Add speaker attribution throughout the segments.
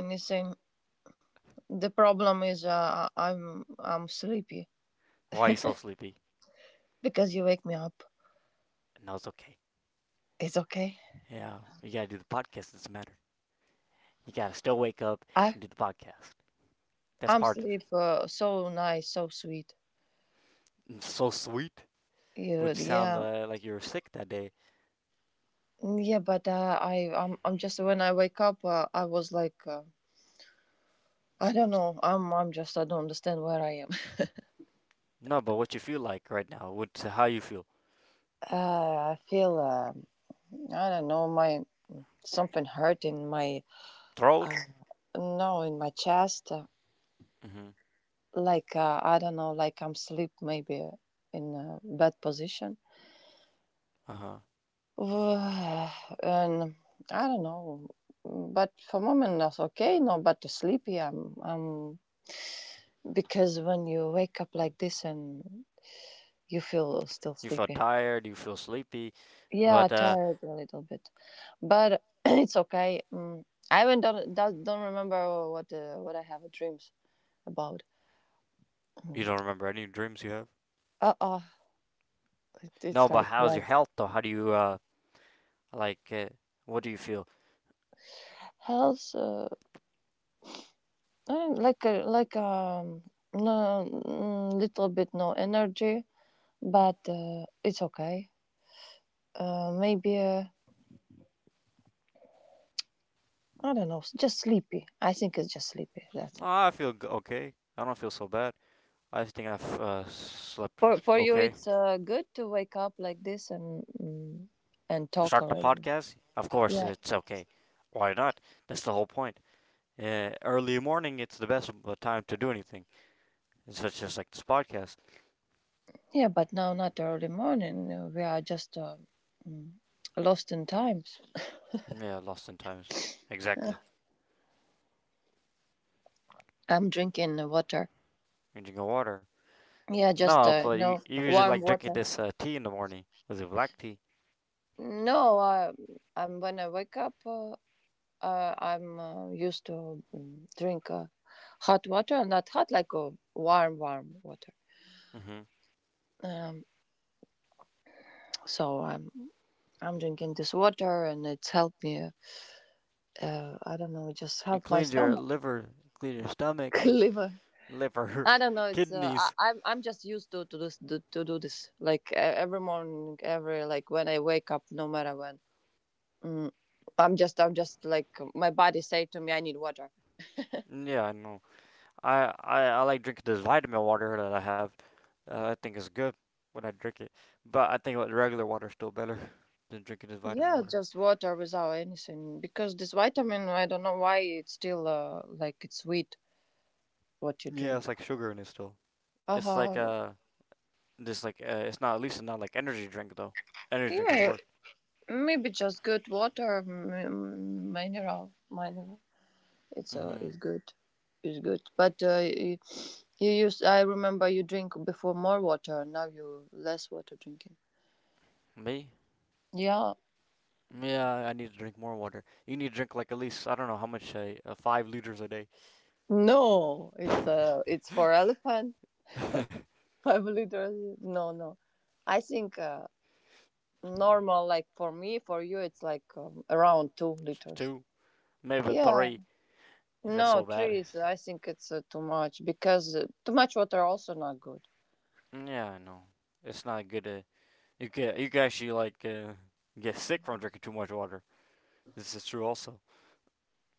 Speaker 1: anything. The problem is, I'm sleepy
Speaker 2: Why are you so sleepy?
Speaker 1: because you wake me up.
Speaker 2: No, it's okay.
Speaker 1: It's okay.
Speaker 2: Yeah, you got to do the podcast. It doesn't matter. You got to still wake up
Speaker 1: I
Speaker 2: and do the podcast. That's
Speaker 1: I'm
Speaker 2: part of it.
Speaker 1: sleep so nice, so sweet.
Speaker 2: It's so sweet.
Speaker 1: You
Speaker 2: Would you sound
Speaker 1: yeah
Speaker 2: like you were sick that day?
Speaker 1: yeah, but I'm just when I wake up, I was like I don't know. I'm just I don't understand where I am.
Speaker 2: No, but what you feel like right now? What how you feel?
Speaker 1: Uh, I feel I don't know my something hurt in my uh,
Speaker 2: Throat?
Speaker 1: no, in my chest.
Speaker 2: Mm-hmm.
Speaker 1: Like I don't know, like I'm sleep maybe in a bad position,
Speaker 2: Uh huh.
Speaker 1: and I don't know. But for moment, that's okay. No, but sleepy. I'm because when you wake up like this and you feel still
Speaker 2: You feel
Speaker 1: sleepy.
Speaker 2: tired. You feel sleepy,
Speaker 1: Yeah,
Speaker 2: but
Speaker 1: tired a little bit, but it's okay. I even don't remember what I have dreams about.
Speaker 2: you
Speaker 1: Mm.
Speaker 2: don't remember any dreams you have.
Speaker 1: Uh oh, it,
Speaker 2: No,
Speaker 1: it's
Speaker 2: but
Speaker 1: like
Speaker 2: how's
Speaker 1: black
Speaker 2: your health though? How do you like? What do you feel?
Speaker 1: health. I like a like no, little bit no energy, but it's okay. Maybe I don't know, just sleepy. I think it's just sleepy. That's it.
Speaker 2: Oh, I feel okay. I don't feel so bad. I think I've slept
Speaker 1: For you,
Speaker 2: okay.
Speaker 1: it's good to wake up like this and and talk
Speaker 2: Start the
Speaker 1: already.
Speaker 2: podcast. Of course,
Speaker 1: Yeah,
Speaker 2: it's okay. Why not? That's the whole point. Early morning, it's the best time to do anything. It's just, like this podcast.
Speaker 1: yeah, but now not early morning. We are just mm, lost in times.
Speaker 2: Yeah, lost in times.
Speaker 1: Uh,
Speaker 2: Exactly.
Speaker 1: I'm drinking water.
Speaker 2: Drinking water.
Speaker 1: Yeah, just
Speaker 2: No, but
Speaker 1: no
Speaker 2: you usually
Speaker 1: warm
Speaker 2: like drinking
Speaker 1: water.
Speaker 2: this tea in the morning. Was it black tea?
Speaker 1: No, I'm when I wake up. I'm used to drink hot water, not hot like warm, warm water.
Speaker 2: Hmm.
Speaker 1: Um, so I'm drinking this water, and it's helped me. I don't know, it just
Speaker 2: It
Speaker 1: helped my
Speaker 2: cleans your
Speaker 1: stomach,
Speaker 2: liver, cleans your stomach.
Speaker 1: liver.
Speaker 2: Liver,
Speaker 1: I don't know. It's
Speaker 2: kidneys.
Speaker 1: I'm just used to to do this like e- every morning, every like when I wake up, no matter when. Mm, I'm just like my body say to me, I need water.
Speaker 2: Yeah, I know. I like drinking this vitamin water that I have. I think it's good when I drink it, but I think the regular water is still better than drinking this vitamin
Speaker 1: Yeah,
Speaker 2: water.
Speaker 1: just water without anything. Because this vitamin, I don't know why it's still like it's sweet what you
Speaker 2: Yeah, it's
Speaker 1: drink.
Speaker 2: like sugar in it still.
Speaker 1: Uh
Speaker 2: It's like
Speaker 1: huh.
Speaker 2: this like it's not like energy drink though. Energy drink is
Speaker 1: Yeah,
Speaker 2: worse.
Speaker 1: maybe just good water, m- mineral, mineral. It's
Speaker 2: Mhm.
Speaker 1: good, it's good. But you, you use. I remember you drink before more water. Now you less water drinking.
Speaker 2: Me?
Speaker 1: Yeah.
Speaker 2: Yeah, I need to drink more water. You need to drink like at least I don't know how much a 5 liters a day.
Speaker 1: No, it's for elephant 5 liters. No, no. I think normal like for me for you it's like around 2 liters.
Speaker 2: Two, maybe
Speaker 1: Yeah,
Speaker 2: three. If that's
Speaker 1: no
Speaker 2: so
Speaker 1: three
Speaker 2: bad.
Speaker 1: is, I think it's too much because too much water also not good.
Speaker 2: Yeah, I know. It's not good to. You can actually like get sick from drinking too much water. This is true also.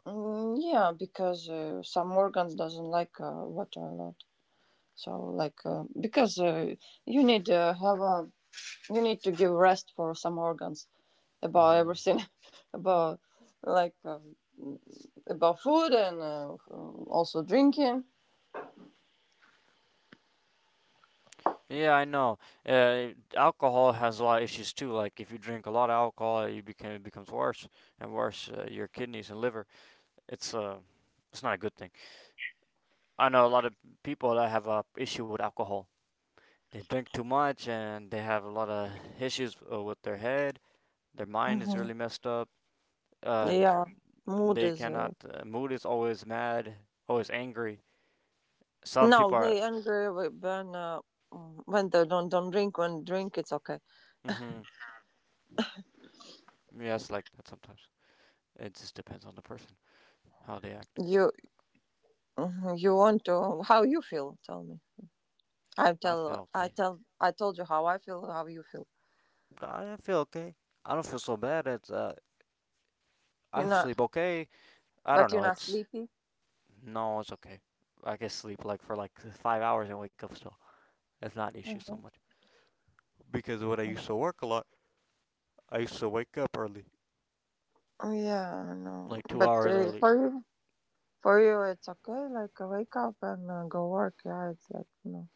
Speaker 1: Yeah, because some organs doesn't like water a lot, so like because you need to have a you need to give rest for some organs about
Speaker 2: Hmm.
Speaker 1: everything about like about food and also drinking.
Speaker 2: Yeah, I know. Alcohol has a lot of issues too. Like if you drink a lot of alcohol, you become it becomes worse and worse. Your kidneys and liver. It's uh, it's not a good thing. I know a lot of people that have a issue with alcohol. They drink too much and they have a lot of issues with their head. Their mind is
Speaker 1: Hmm.
Speaker 2: really messed up. Um,
Speaker 1: Yeah, mood
Speaker 2: they
Speaker 1: is
Speaker 2: cannot. Mood is always mad, always angry. Some
Speaker 1: no,
Speaker 2: people are.
Speaker 1: they angry with- when when they don't drink. When drink, it's okay.
Speaker 2: Mm-hmm. Yes, like that sometimes. It just depends on the person how they act.
Speaker 1: You mhm, you want to? How you feel? Tell me.
Speaker 2: I feel okay.
Speaker 1: I told you how I feel. How you feel?
Speaker 2: Nah, I feel okay. I don't feel so bad. It's
Speaker 1: You're
Speaker 2: I
Speaker 1: not,
Speaker 2: sleep okay. I don't
Speaker 1: but you're
Speaker 2: know.
Speaker 1: not
Speaker 2: It's
Speaker 1: sleepy.
Speaker 2: no, it's okay. I can sleep like for like 5 hours and wake up still. It's not an issue so
Speaker 1: Mhm.
Speaker 2: much. Because when I used to work a lot, I used to wake up early,
Speaker 1: Oh yeah, no.
Speaker 2: like two
Speaker 1: But
Speaker 2: hours early.
Speaker 1: for you, it's okay. Like wake up and go work. Yeah, it's like no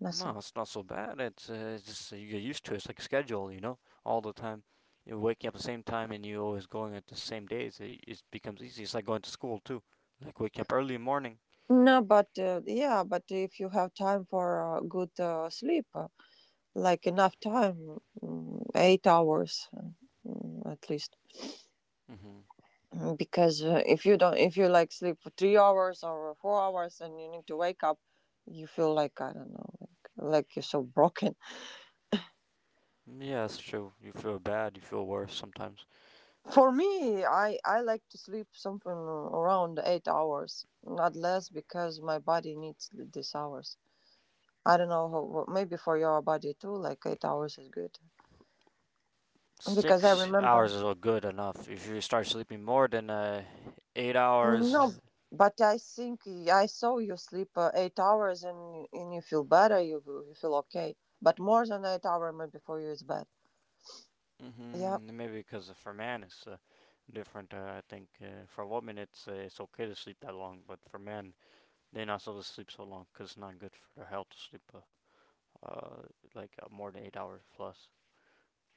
Speaker 2: No, it's not so bad. It's just you get used to it. It's like a schedule, you know, all the time. You're waking up at the same time and you're always going at the same days. It becomes easy. It's like going to school too, like waking up early in the morning.
Speaker 1: No, but yeah, but if you have time for good sleep, like enough time, 8 hours at least.
Speaker 2: Hmm.
Speaker 1: Because if you don't, if you like sleep for 3 hours or 4 hours and you need to wake up, you feel like I don't know, like you're so broken.
Speaker 2: Yeah, that's true. You feel bad. You feel worse sometimes.
Speaker 1: For me, I like to sleep something around 8 hours, not less, because my body needs these hours. I don't know how. Maybe for your body too, like 8 hours is good. Because I
Speaker 2: Six
Speaker 1: remember.
Speaker 2: hours is all good enough. If you start sleeping more than 8 hours,
Speaker 1: No, but I think y- I saw you sleep 8 hours and you feel better. You will- you feel okay, but more than 8 hours maybe for you is bad. Yeah,
Speaker 2: hmm, maybe because for man it's different. I think for a woman it's okay to sleep that long, but for men they're not supposed to sleep so long because it's not good for their health to sleep uh, like more than 8 hours plus.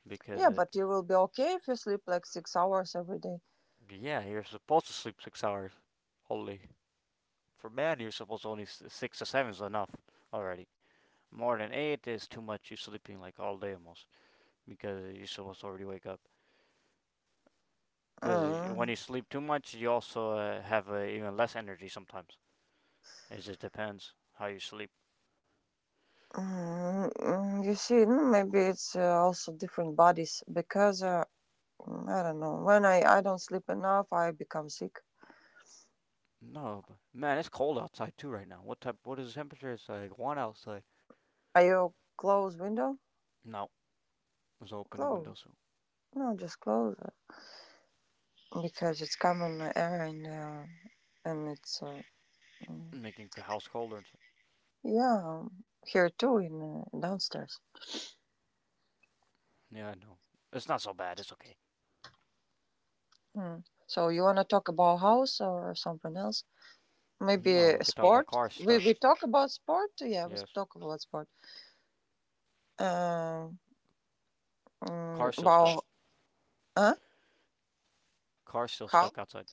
Speaker 2: Because
Speaker 1: yeah,
Speaker 2: it,
Speaker 1: but you will be okay if you sleep like 6 hours every day.
Speaker 2: yeah, you're supposed to sleep 6 hours only. For man, you're supposed to only 6 to 7 is enough already. More than eight is too much. You're sleeping like all day almost because you're supposed to already wake up. Because when
Speaker 1: Mm,
Speaker 2: you sleep too much, you also have even less energy sometimes. It just depends how you sleep.
Speaker 1: you see, maybe it's also different bodies because I don't know. When I don't sleep enough, I become sick.
Speaker 2: No, but man, it's cold outside too right now. What type? What is the temperature? It's like one outside.
Speaker 1: Are you close window?
Speaker 2: No, was open the
Speaker 1: Close?
Speaker 2: window, so
Speaker 1: No, just close it because it's common error in and it's. Mm.
Speaker 2: making the house colder. It's like,
Speaker 1: Yeah, here too in downstairs.
Speaker 2: yeah, I know. It's not so bad. It's okay.
Speaker 1: Mm. So you wanna talk about house or something else? Maybe
Speaker 2: No, we
Speaker 1: a
Speaker 2: could talk about
Speaker 1: sport.
Speaker 2: cars
Speaker 1: We
Speaker 2: stuck.
Speaker 1: we talk about sport. Yeah, we
Speaker 2: Yes,
Speaker 1: talk about sport. Um,
Speaker 2: car still stuck.
Speaker 1: about huh?
Speaker 2: Car still
Speaker 1: How?
Speaker 2: stuck outside.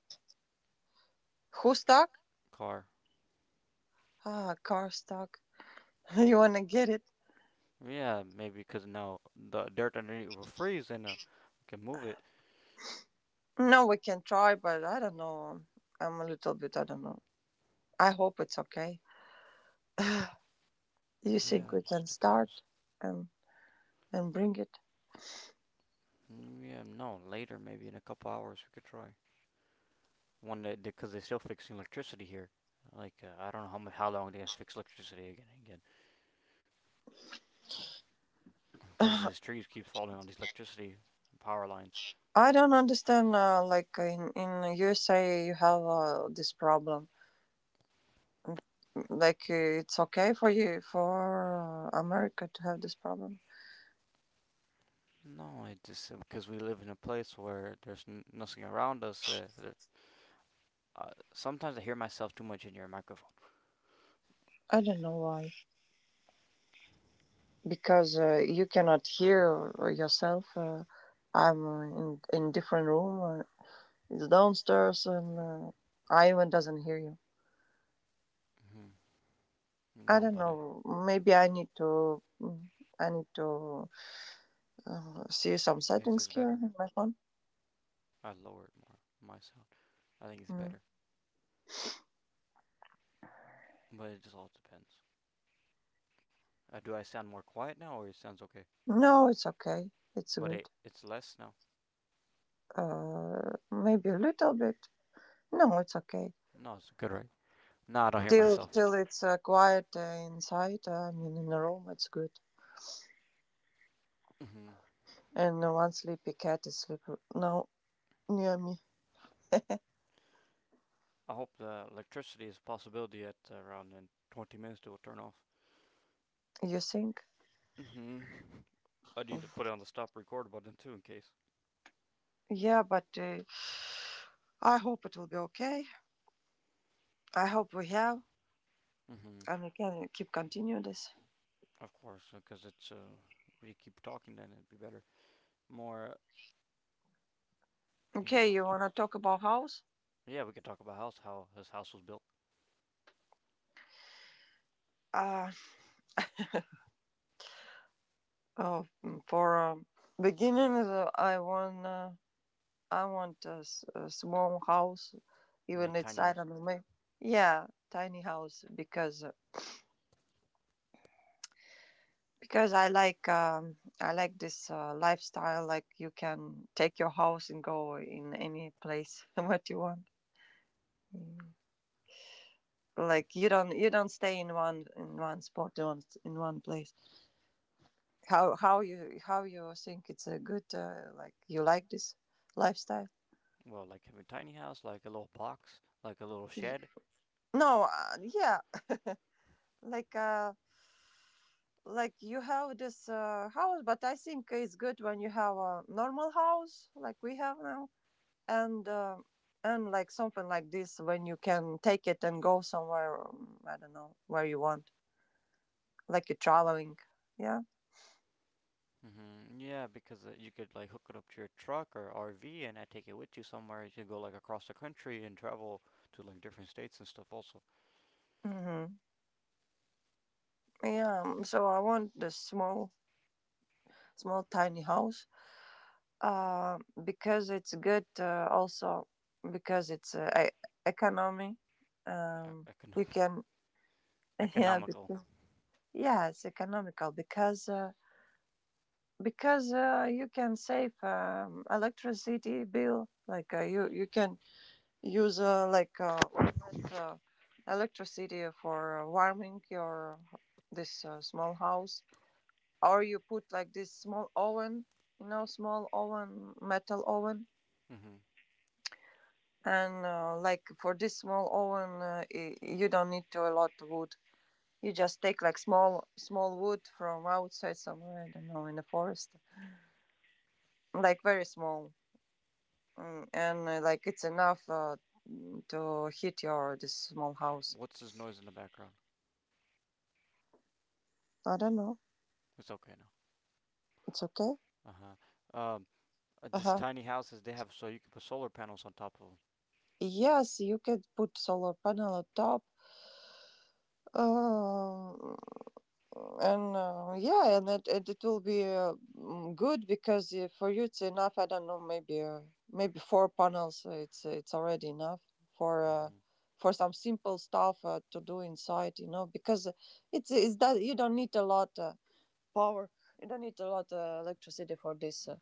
Speaker 1: Who stuck?
Speaker 2: Car.
Speaker 1: Ah, car stuck. You wanna get it?
Speaker 2: Yeah, maybe because now the dirt underneath will freeze and we can move it.
Speaker 1: No, we can try, but I don't know. I'm a little bit. I don't know. I hope it's okay. You
Speaker 2: Yeah,
Speaker 1: think
Speaker 2: it
Speaker 1: we
Speaker 2: just
Speaker 1: can
Speaker 2: depends.
Speaker 1: start and and bring it?
Speaker 2: Mm. Yeah, no, later maybe in a couple hours we could try. One day because they're still fixing electricity here. Like I don't know how long they have to fix electricity again and again because these trees keep falling on these electricity power lines.
Speaker 1: I don't understand. Like in USA, you have this problem. Like it's okay for you for America to have this problem.
Speaker 2: No, it just because we live in a place where there's nothing around us. Sometimes I hear myself too much in your microphone.
Speaker 1: I don't know why. Because you cannot hear yourself. I'm in different room. It's downstairs, and Ivan doesn't hear you.
Speaker 2: Hmm.
Speaker 1: I
Speaker 2: No,
Speaker 1: don't
Speaker 2: but I,
Speaker 1: know. Maybe I need to. I need to see some
Speaker 2: it's
Speaker 1: settings
Speaker 2: just
Speaker 1: here
Speaker 2: better.
Speaker 1: in my phone.
Speaker 2: I lower it more. My sound. I think it's
Speaker 1: Mm.
Speaker 2: better, but it just all depends. Do I sound more quiet now, or it sounds okay?
Speaker 1: No, it's okay. It's
Speaker 2: But
Speaker 1: good.
Speaker 2: it it's less now.
Speaker 1: Maybe a little bit. No, it's okay.
Speaker 2: No, it's good, right? No, I don't hear
Speaker 1: Till
Speaker 2: myself.
Speaker 1: till it's quiet inside. I mean, in a room, it's good.
Speaker 2: Hmm.
Speaker 1: And one sleepy cat is sleeping now near me.
Speaker 2: I hope the electricity is a possibility at around in 20 minutes it will turn off.
Speaker 1: You think?
Speaker 2: Hmm. I need to
Speaker 1: Mm.
Speaker 2: put on the stop record button too, in case.
Speaker 1: Yeah, but I hope it will be okay. I hope we have,
Speaker 2: Mm-hmm.
Speaker 1: and we can keep continue this.
Speaker 2: Of course, because it's we keep talking, then it'd be better. More, you know.
Speaker 1: Okay, you wanna talk about house?
Speaker 2: Yeah, we could talk about house, how his house was built,
Speaker 1: Uh, oh, for beginning, I wanna. I want a, s- a small house,
Speaker 2: like
Speaker 1: even it's
Speaker 2: tiny
Speaker 1: I
Speaker 2: house.
Speaker 1: don't know, maybe yeah, tiny house because I like this lifestyle. Like you can take your house and go in any place what you want. Mm. Like you don't stay in one spot in one place. How you think it's a good like you like this lifestyle?
Speaker 2: Well, like having a tiny house, like a little box, like a little
Speaker 1: Y-
Speaker 2: shed.
Speaker 1: No, yeah, like uh, like you have this house, but I think it's good when you have a normal house like we have now, and uh, and like something like this when you can take it and go somewhere. I don't know where you want, like you're traveling. Yeah.
Speaker 2: Mm-hmm. Yeah, because you could like hook it up to your truck or RV, and I take it with you somewhere. You could go like across the country and travel to like different states and stuff. Also,
Speaker 1: Mm-hmm. Yeah. So I want the small, small, tiny house. Uh, because it's good. Also because it's e- economy. Um, you
Speaker 2: economy,
Speaker 1: can. Yeah.
Speaker 2: economical.
Speaker 1: Because yeah, it's economical because. Because you can save electricity bill like you can use like less, electricity for warming your this small house or you put like this small oven, you know, small oven, metal oven.
Speaker 2: Mm-hmm.
Speaker 1: And like for this small oven y- you don't need to a lot of wood. You just take like small small wood from outside somewhere, I don't know, in the forest, like very small. And like it's enough to heat your this small house.
Speaker 2: What's this noise in the background?
Speaker 1: I don't know.
Speaker 2: It's okay now.
Speaker 1: It's okay.
Speaker 2: Uh huh. Um,
Speaker 1: Uh
Speaker 2: these
Speaker 1: huh.
Speaker 2: tiny houses they have, so you can put solar panels on top of
Speaker 1: Yes, you could put solar panel on top. Um, and yeah, and it it will be good because for you it's enough. I don't know, maybe maybe four panels. It's already enough for
Speaker 2: them.
Speaker 1: uh,
Speaker 2: Hmm.
Speaker 1: for some simple stuff to do inside. You know, because it's that you don't need a lot. Power. You don't need a lot of electricity for this.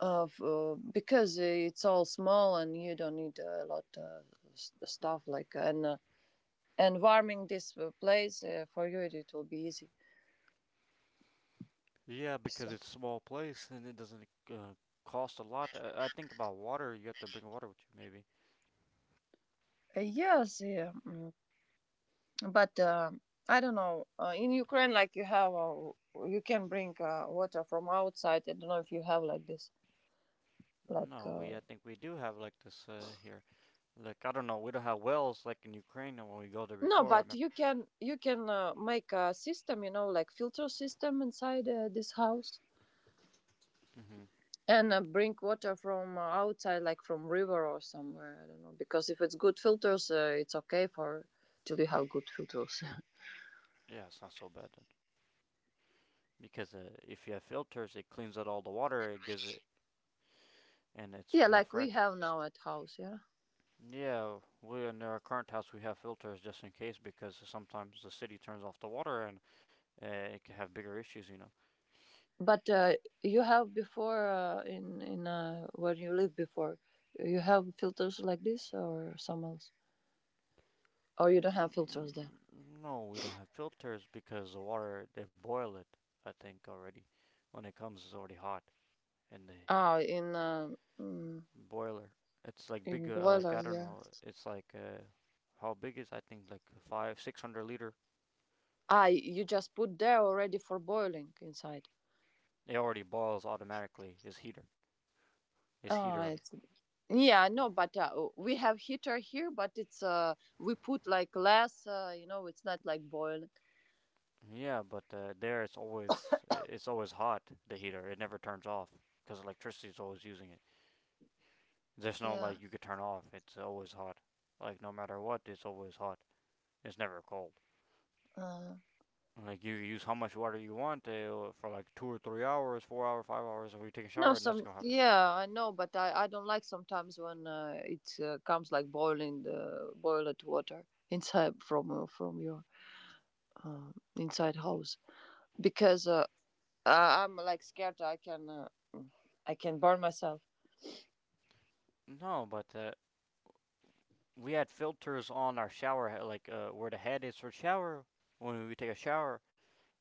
Speaker 1: Of because it's all small and you don't need a lot of stuff like and warming this place for you it will be easy
Speaker 2: Yeah, because
Speaker 1: so,
Speaker 2: it's a small place and it doesn't cost a lot. I think about water. You have to bring water with you, maybe.
Speaker 1: yes yeah, but I don't know, in Ukraine like you have you can bring water from outside. I don't know if you have like this, like
Speaker 2: No, we. I think we do have like this here. Like I don't know. We don't have wells like in Ukraine. And when we go there
Speaker 1: no
Speaker 2: before, I
Speaker 1: but
Speaker 2: remember.
Speaker 1: you can make a system, you know, like filter system inside this house,
Speaker 2: Hmm.
Speaker 1: and bring water from outside like from river or somewhere. I don't know, because if it's good filters it's okay for till you have good filters.
Speaker 2: Yeah, it's not so bad then, because if you have filters, it cleans out all the water. It gives it, and it's
Speaker 1: Yeah,
Speaker 2: more
Speaker 1: like we
Speaker 2: fresh.
Speaker 1: have now at house. Yeah,
Speaker 2: Yeah, we in our current house we have filters just in case because sometimes the city turns off the water and it can have bigger issues, you know.
Speaker 1: but you have before in when you lived before, you have filters like this or some else, or you don't have filters there?
Speaker 2: No, we don't have filters because the water they boil it. I think already when it comes it's already hot in the
Speaker 1: Ah, in mm,
Speaker 2: boiler. It's like
Speaker 1: in
Speaker 2: big, like
Speaker 1: boiler,
Speaker 2: I don't
Speaker 1: yeah.
Speaker 2: know. It's like how big is I think like five six hundred liter.
Speaker 1: Ah, you just put there already for boiling inside.
Speaker 2: It already boils automatically. Is
Speaker 1: Ah,
Speaker 2: heater.
Speaker 1: I yeah, no, but we have heater here, but it's we put like less, you know, it's not like boiling.
Speaker 2: Yeah, but there it's always it's always hot. The heater it never turns off because electricity is always using it. There's no like
Speaker 1: Yeah.
Speaker 2: you could turn off. It's always hot. Like no matter what, it's always hot. It's never cold.
Speaker 1: Uh,
Speaker 2: Like you use how much water you want for like 2 or 3 hours, 4 hours, 5 hours. If you take a
Speaker 1: no,
Speaker 2: shower, nothing's
Speaker 1: some
Speaker 2: gonna happen.
Speaker 1: yeah, I know, but I don't like sometimes when it comes like boiling the boiled water inside from your inside house, because I'm like scared I can burn myself.
Speaker 2: No, but we had filters on our shower, like where the head is for shower. When we take a shower,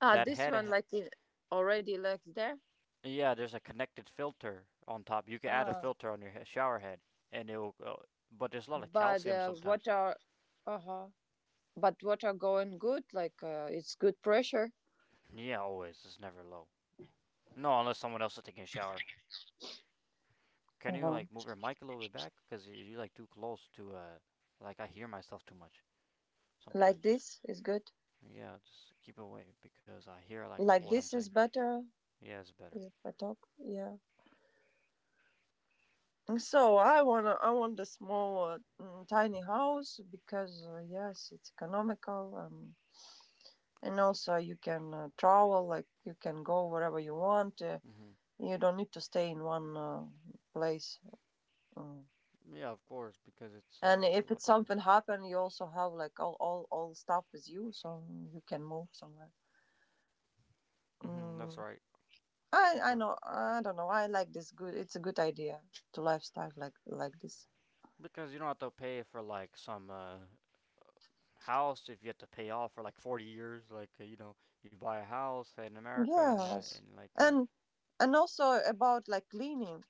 Speaker 1: Ah, this
Speaker 2: head ha-
Speaker 1: one like it already like there.
Speaker 2: yeah, there's a connected filter on top. You can add a
Speaker 1: Ah,
Speaker 2: filter on your shower head, and it will. But there's a lot of
Speaker 1: but
Speaker 2: calcium sometimes.
Speaker 1: what are uh huh but what are going good like it's good pressure.
Speaker 2: Yeah, always. It's never low. No, unless someone else is taking a shower. Can you
Speaker 1: Uh-huh.
Speaker 2: like move your mic a little bit back? Cause you like too close to like I hear myself too much
Speaker 1: Like
Speaker 2: sometimes.
Speaker 1: this is good.
Speaker 2: Yeah, just keep it away because I hear like
Speaker 1: Like
Speaker 2: what I'm
Speaker 1: this
Speaker 2: saying.
Speaker 1: is better.
Speaker 2: Yeah, it's better.
Speaker 1: If I talk, yeah. So I want a small, tiny house because yes, it's economical, and also you can travel. Like you can go wherever you want.
Speaker 2: Mm-hmm.
Speaker 1: You don't need to stay in one place. Mm.
Speaker 2: Yeah, of course, because it's
Speaker 1: And
Speaker 2: a
Speaker 1: if it's
Speaker 2: lot better.
Speaker 1: something happen, you also have like all stuff with you, so you can move somewhere.
Speaker 2: Mm-hmm. That's
Speaker 1: Mm,
Speaker 2: right. You're
Speaker 1: I
Speaker 2: correct.
Speaker 1: know I don't know, I like this, good, it's a good idea to lifestyle like this.
Speaker 2: Because you don't have to pay for like some house if you have to pay off for like 40 years, like you buy a house in America and uh,
Speaker 1: Yes,
Speaker 2: and like
Speaker 1: and and also about like cleaning,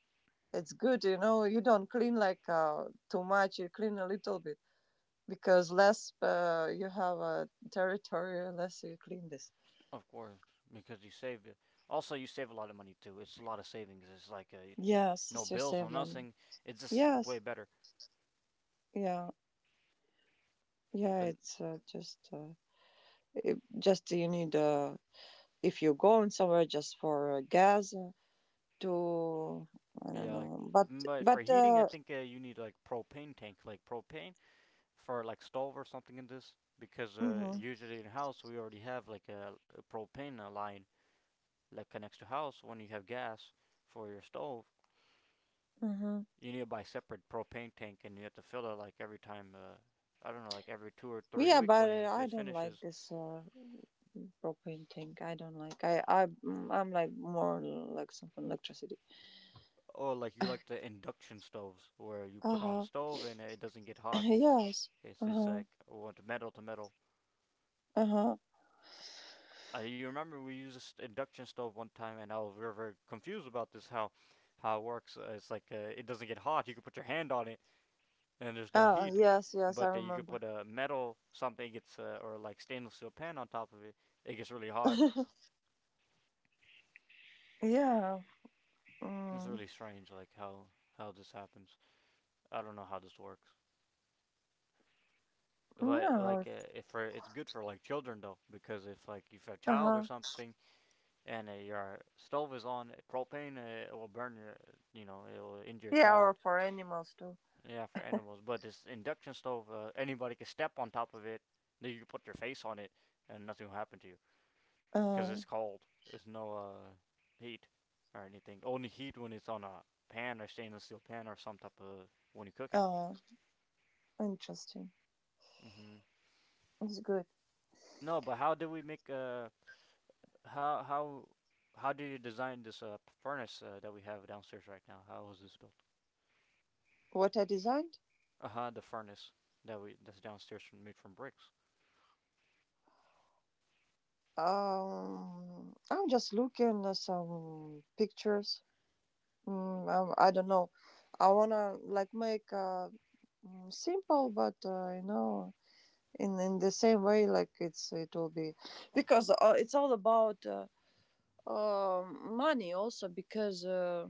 Speaker 1: it's good, you know, you don't clean like too much, you clean a little bit because less you have a territory, less you clean this.
Speaker 2: of course, because you save it. Also you save a lot of money too. It's a lot of savings. It's like
Speaker 1: Yes,
Speaker 2: no
Speaker 1: it's your
Speaker 2: bills, no
Speaker 1: same money.
Speaker 2: nothing. It's just way
Speaker 1: Yes.
Speaker 2: better.
Speaker 1: Yeah. Yeah,
Speaker 2: And
Speaker 1: it's just it, just you need if you're going somewhere just for gas, to, I don't
Speaker 2: yeah, like,
Speaker 1: know,
Speaker 2: but for
Speaker 1: but
Speaker 2: heating I think you need like propane tank, like propane for like stove or something in this because
Speaker 1: hmm.
Speaker 2: usually in house we already have like a propane line that connects to house when you have gas for your stove.
Speaker 1: Hmm.
Speaker 2: You need to buy separate propane tank, and you have to fill it like every time. I don't know, like every two or three
Speaker 1: Yeah,
Speaker 2: weeks
Speaker 1: but
Speaker 2: when you
Speaker 1: I
Speaker 2: it
Speaker 1: don't like
Speaker 2: finishes.
Speaker 1: this propane thing. I don't like. I'm like more like something electricity.
Speaker 2: Or like you like the induction stoves where you
Speaker 1: Uh
Speaker 2: put on the
Speaker 1: huh.
Speaker 2: stove and it doesn't get hot.
Speaker 1: Yes.
Speaker 2: It's
Speaker 1: Uh
Speaker 2: it's
Speaker 1: huh.
Speaker 2: like, well, it's metal to metal.
Speaker 1: Uh huh.
Speaker 2: You remember we used this induction stove one time, and I was very, very confused about this, how it works. It's like it doesn't get hot. You can put your hand on it, and there's no
Speaker 1: Ah,
Speaker 2: heat.
Speaker 1: yes, yes, I
Speaker 2: But you could
Speaker 1: remember.
Speaker 2: put a metal something, gets or like stainless steel pan on top of it. It gets really hot.
Speaker 1: Yeah.
Speaker 2: It's
Speaker 1: Mm,
Speaker 2: really strange, like how this happens. I don't know how this works, but
Speaker 1: no.
Speaker 2: like if for, it's good for like children though, because if like if you're a
Speaker 1: Uh
Speaker 2: child or
Speaker 1: huh.
Speaker 2: something and your stove is on propane, it will burn your, you know, it will injure your
Speaker 1: Yeah, or
Speaker 2: child.
Speaker 1: for animals too.
Speaker 2: Yeah, for animals. But this induction stove, anybody can step on top of it. Then you can put your face on it, and nothing will happen to you because it's
Speaker 1: Uh.
Speaker 2: cold. There's no heat or anything. Only heat when it's on a pan or stainless steel pan or some type of when you're cooking.
Speaker 1: Uh. Interesting.
Speaker 2: Hmm.
Speaker 1: It's good.
Speaker 2: No, but how did we make how how how did you design this furnace that we have downstairs right now? How was this built?
Speaker 1: What I designed.
Speaker 2: Uh huh. The furnace that's downstairs from, made from bricks.
Speaker 1: I'm just looking at some pictures. I don't know. I wanna like make simple, but you know, in the same way, like it will be because it's all about money also because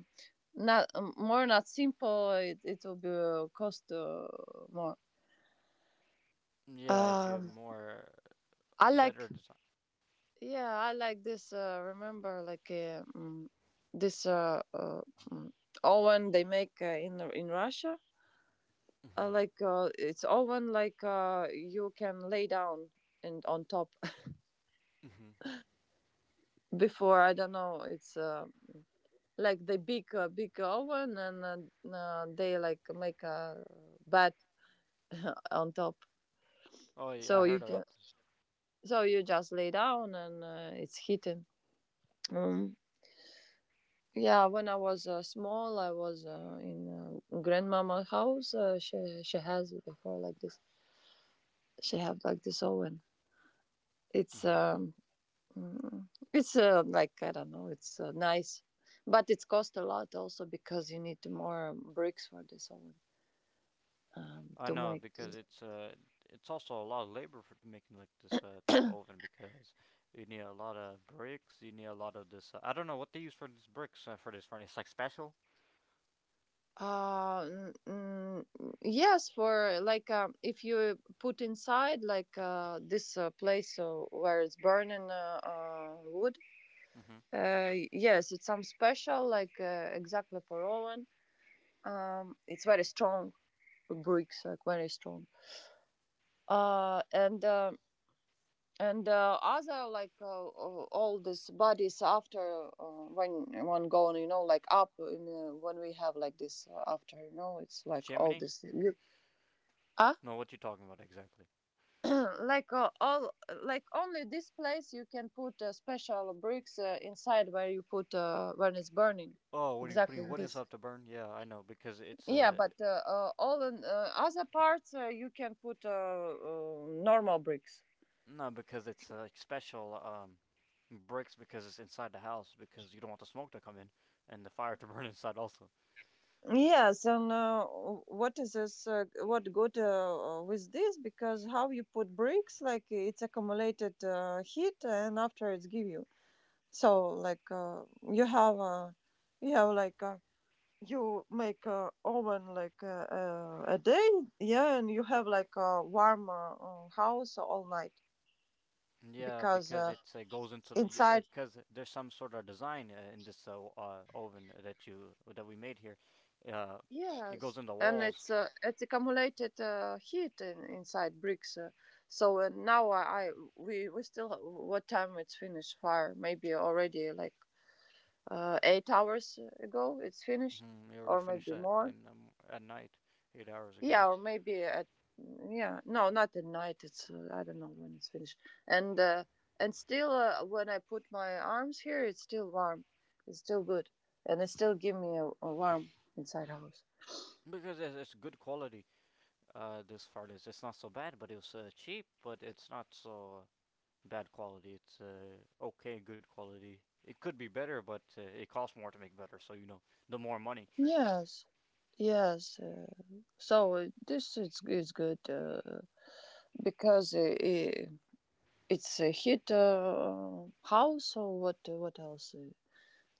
Speaker 1: not more not simple, it will be cost more.
Speaker 2: Yeah, if you
Speaker 1: Um,
Speaker 2: more
Speaker 1: I
Speaker 2: better
Speaker 1: like.
Speaker 2: design.
Speaker 1: Yeah, I like this. Remember, like this uh, uh, mm, oven they make in Russia.
Speaker 2: Mhm.
Speaker 1: Like it's oven like you can lay down and on top.
Speaker 2: Mhm.
Speaker 1: Before, I don't know, it's like the big big oven, and they like make a bed on top,
Speaker 2: Oh, yeah, I
Speaker 1: so
Speaker 2: heard
Speaker 1: you
Speaker 2: about
Speaker 1: can,
Speaker 2: this.
Speaker 1: so you just lay down and it's heating. Mm. Yeah, when I was small, I was in grandmama house. She has it before like this. She have like this oven. It's
Speaker 2: Mhm.
Speaker 1: it's like, I don't know. It's nice, but it's cost a lot also because you need more bricks for this oven
Speaker 2: I
Speaker 1: to
Speaker 2: know
Speaker 1: make.
Speaker 2: because
Speaker 1: This.
Speaker 2: it's also a lot of labor for making like this type of oven because you need a lot of bricks. You need a lot of this. I don't know what they use for these bricks for this furnace, like special.
Speaker 1: Uh, n- n- yes, for like if you put inside like this place where it's burning wood.
Speaker 2: Mhm.
Speaker 1: Yes, it's some special, like exactly for Roland. It's very strong bricks, like very strong. Uh, and uh, and other like all these bodies after when one going, you know, like up in when we have like this after, you know, it's like all
Speaker 2: Chimney?
Speaker 1: this. You, uh?
Speaker 2: No, what you talking about exactly?
Speaker 1: Like all, like only this place you can put special bricks inside where you put when it's burning
Speaker 2: Oh, what are you
Speaker 1: exactly
Speaker 2: putting
Speaker 1: in
Speaker 2: wood and
Speaker 1: this.
Speaker 2: stuff to burn? Yeah, I know because it's
Speaker 1: Yeah, but all in, other parts you can put normal bricks.
Speaker 2: no, because it's like special bricks because it's inside the house because you don't want the smoke to come in and the fire to burn inside also.
Speaker 1: Yes, and what is this? What good with this? Because how you put bricks, like it's accumulated heat, and after it's give you. So like you have uh, you have like you make oven like a day, yeah, and you have like a warm house all night
Speaker 2: Yeah,
Speaker 1: because
Speaker 2: because it goes into
Speaker 1: inside.
Speaker 2: because there's some sort of design in this oven that we made here. Uh, it goes
Speaker 1: Yes,
Speaker 2: in the
Speaker 1: and
Speaker 2: walls.
Speaker 1: it's accumulated heat in, inside bricks. So now, I we still what time it's finished fire? Maybe already like 8 hours ago it's finished,
Speaker 2: Mm, we already
Speaker 1: or
Speaker 2: finished
Speaker 1: maybe
Speaker 2: that
Speaker 1: more.
Speaker 2: in at night, 8 hours
Speaker 1: Yeah,
Speaker 2: ago,
Speaker 1: or maybe at, yeah, no, not at night. It's I don't know when it's finished. And uh, and still when I put my arms here, it's still warm. It's still good, and it still give me a warm inside house.
Speaker 2: because it's good quality. This far is it's not so bad, but it was cheap, but it's not so bad quality. It's okay, good quality. It could be better, but it costs more to make better, so you know, the more money.
Speaker 1: Yes, yes. So this is good because I it's a hit house or what? What else?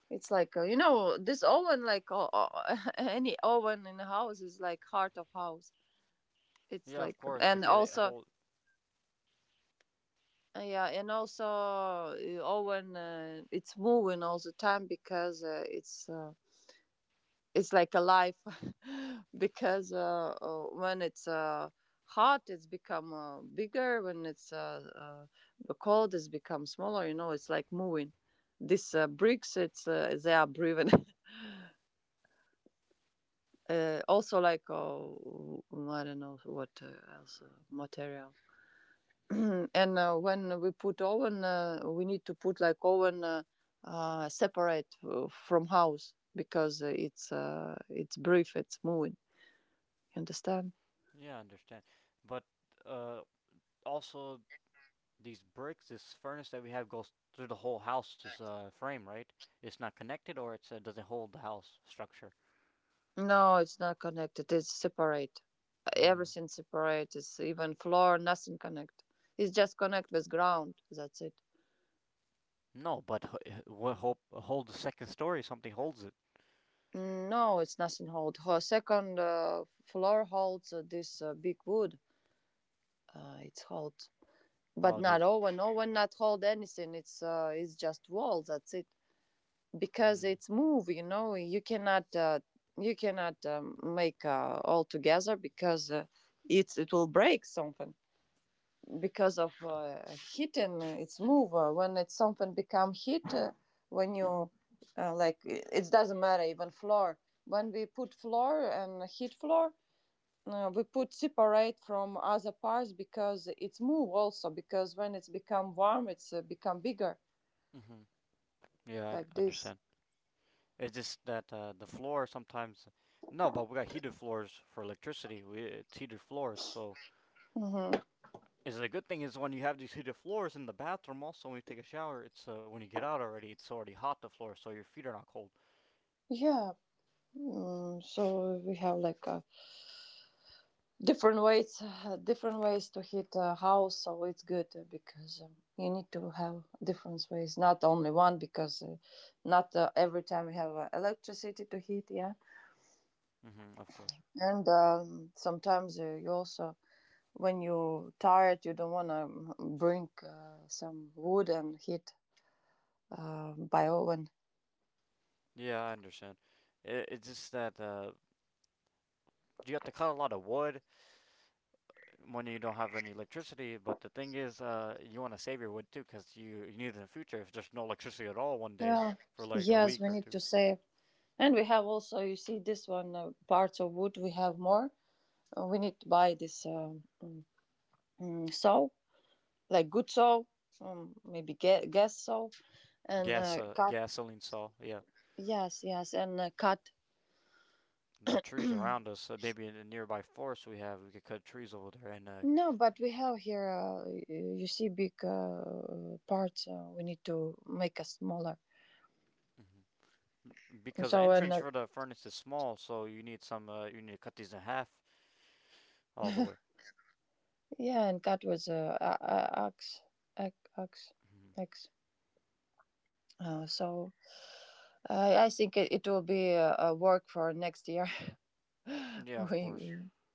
Speaker 1: It's like you know this oven, like any oven in the house is like heart of house. It's
Speaker 2: Yeah,
Speaker 1: like
Speaker 2: of course,
Speaker 1: and
Speaker 2: because it
Speaker 1: also
Speaker 2: hold.
Speaker 1: yeah, and also oven. It's moving all the time because it's like a life because when it's hot, it's become bigger, when it's cold, it's become smaller, you know, it's like moving these bricks, it's they are breathing also like, oh, I don't know what else material. And when we put oven, we need to put like oven separate from house because it's brief, it's moving, you understand.
Speaker 2: Yeah, I understand, but uh, also these bricks, this furnace that we have, goes through the whole house's frame, right? It's not connected, or it doesn't hold the house structure.
Speaker 1: No, it's not connected. It's separate.
Speaker 2: Mm.
Speaker 1: Everything separate. It's even floor, nothing connect. It's just connect with ground. That's it.
Speaker 2: No, but what hold the second story? Something holds it.
Speaker 1: Mm, no, it's nothing hold. Ho- Second floor holds this big wood. It's hold, but
Speaker 2: Oh,
Speaker 1: not
Speaker 2: these.
Speaker 1: oven. Oven not hold anything. It's just wall. That's it. Because
Speaker 2: Mm.
Speaker 1: it's move. You know, you cannot make all together because it will break something because of heat and its move. When it's something become heat, when you like, it doesn't matter even floor. When we put floor and heat floor, we put separate from other parts because it's move also. Because when it's become warm, it's become bigger
Speaker 2: Hmm. Yeah,
Speaker 1: like
Speaker 2: I
Speaker 1: this.
Speaker 2: understand. It's just that the floor sometimes. No, but we got heated floors for electricity. We, it's heated floors, so
Speaker 1: Hmm.
Speaker 2: is the good thing is when you have these heated floors in the bathroom. Also, when you take a shower, it's when you get out already, it's already hot the floor, so your feet are not cold.
Speaker 1: Yeah. Mm, so we have like a different ways to heat a house, so it's good because you need to have different ways, not only one, because not every time we have electricity to heat, yeah.
Speaker 2: Hmm, of course.
Speaker 1: And sometimes you also, when you're tired, you don't want to bring some wood and heat by oven.
Speaker 2: Yeah, I understand. It's just that you have to cut a lot of wood when you don't have any electricity. But the thing is, you want to save your wood too, because you need it in the future if there's no electricity at all one day
Speaker 1: Yeah.
Speaker 2: for like a
Speaker 1: Yes,
Speaker 2: week
Speaker 1: we
Speaker 2: or
Speaker 1: need
Speaker 2: two.
Speaker 1: to save. And we have also, you see this one parts of wood, we have more. We need to buy this saw, like good soul, maybe guess soul, and
Speaker 2: Gas,
Speaker 1: cat.
Speaker 2: gasoline saw. Yeah,
Speaker 1: Yes, yes, and cat.
Speaker 2: the trees around us, maybe in the nearby forest we have, we could cut trees over there, and
Speaker 1: No, but we have here. You see, big parts. We need to make us smaller.
Speaker 2: mhm.
Speaker 1: And
Speaker 2: Because the
Speaker 1: so and
Speaker 2: entrance for the furnace is small, so you need some. You need to cut these in half all the way.
Speaker 1: yeah, and cat was axe, axe, axe.
Speaker 2: Hmm.
Speaker 1: axe. So I think it will be a work for next year.
Speaker 2: Yeah, of
Speaker 1: we
Speaker 2: course.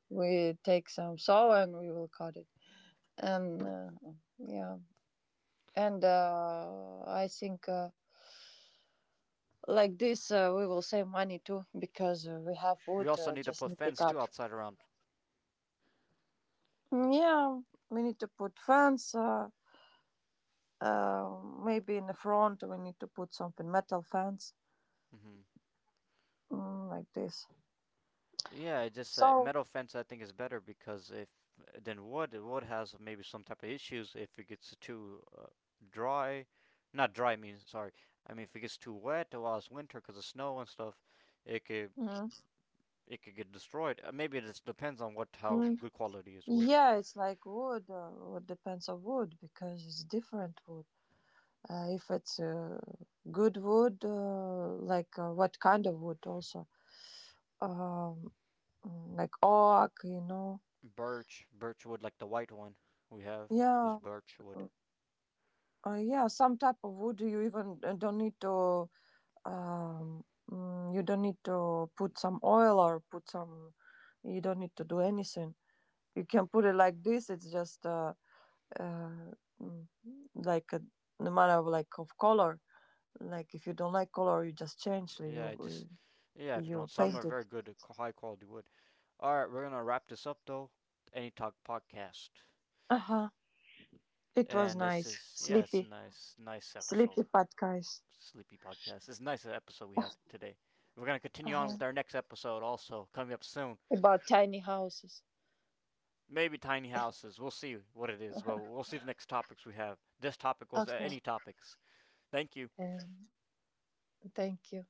Speaker 1: we take some saw and we will cut it. And yeah, and I think like this we will save money too because we have
Speaker 2: We
Speaker 1: wood.
Speaker 2: also need to
Speaker 1: Just
Speaker 2: put
Speaker 1: need to
Speaker 2: fence too
Speaker 1: cut.
Speaker 2: outside around.
Speaker 1: Mm, yeah, we need to put fence. Maybe in the front we need to put something metal fence,
Speaker 2: Hmm.
Speaker 1: like this.
Speaker 2: Yeah, I just
Speaker 1: So
Speaker 2: metal fence I think is better because if than wood, wood has maybe some type of issues if it gets too dry, not dry. I mean, sorry. I mean, if it gets too wet while it's winter because of snow and stuff, it could
Speaker 1: mm,
Speaker 2: it could get destroyed. Maybe it just depends on what how
Speaker 1: mm,
Speaker 2: good quality is wood.
Speaker 1: yeah, it's like wood. It depends on wood because it's different wood. If it's good wood, like what kind of wood also. Um, like oak, you know.
Speaker 2: Birch, birch wood like the white one we have. This
Speaker 1: Yeah,
Speaker 2: birch wood.
Speaker 1: mm, yeah, some type of wood you even don't need to um you don't need to put some oil or put some, you don't need to do anything. You can put it like this, it's just uh mm, like a, no matter of like of color. Like if you don't like color, you just change,
Speaker 2: Yeah, it just
Speaker 1: you
Speaker 2: yeah. If you don't,
Speaker 1: you
Speaker 2: some are
Speaker 1: paint it.
Speaker 2: very good, high quality wood. All right, we're gonna wrap this up though. Any talk podcast.
Speaker 1: Uh-huh. It was
Speaker 2: And this
Speaker 1: nice.
Speaker 2: is yeah, it's a
Speaker 1: Sleepy,
Speaker 2: nice episode.
Speaker 1: sleepy podcast.
Speaker 2: Sleepy podcast. It's a nice episode we had today. We're gonna continue on
Speaker 1: Uh-huh.
Speaker 2: with our next episode also coming up soon.
Speaker 1: About tiny houses.
Speaker 2: Maybe tiny houses. We'll see what it is, but we'll see the next topics we have. This topic was
Speaker 1: Okay,
Speaker 2: any topics. Thank you.
Speaker 1: um, thank you.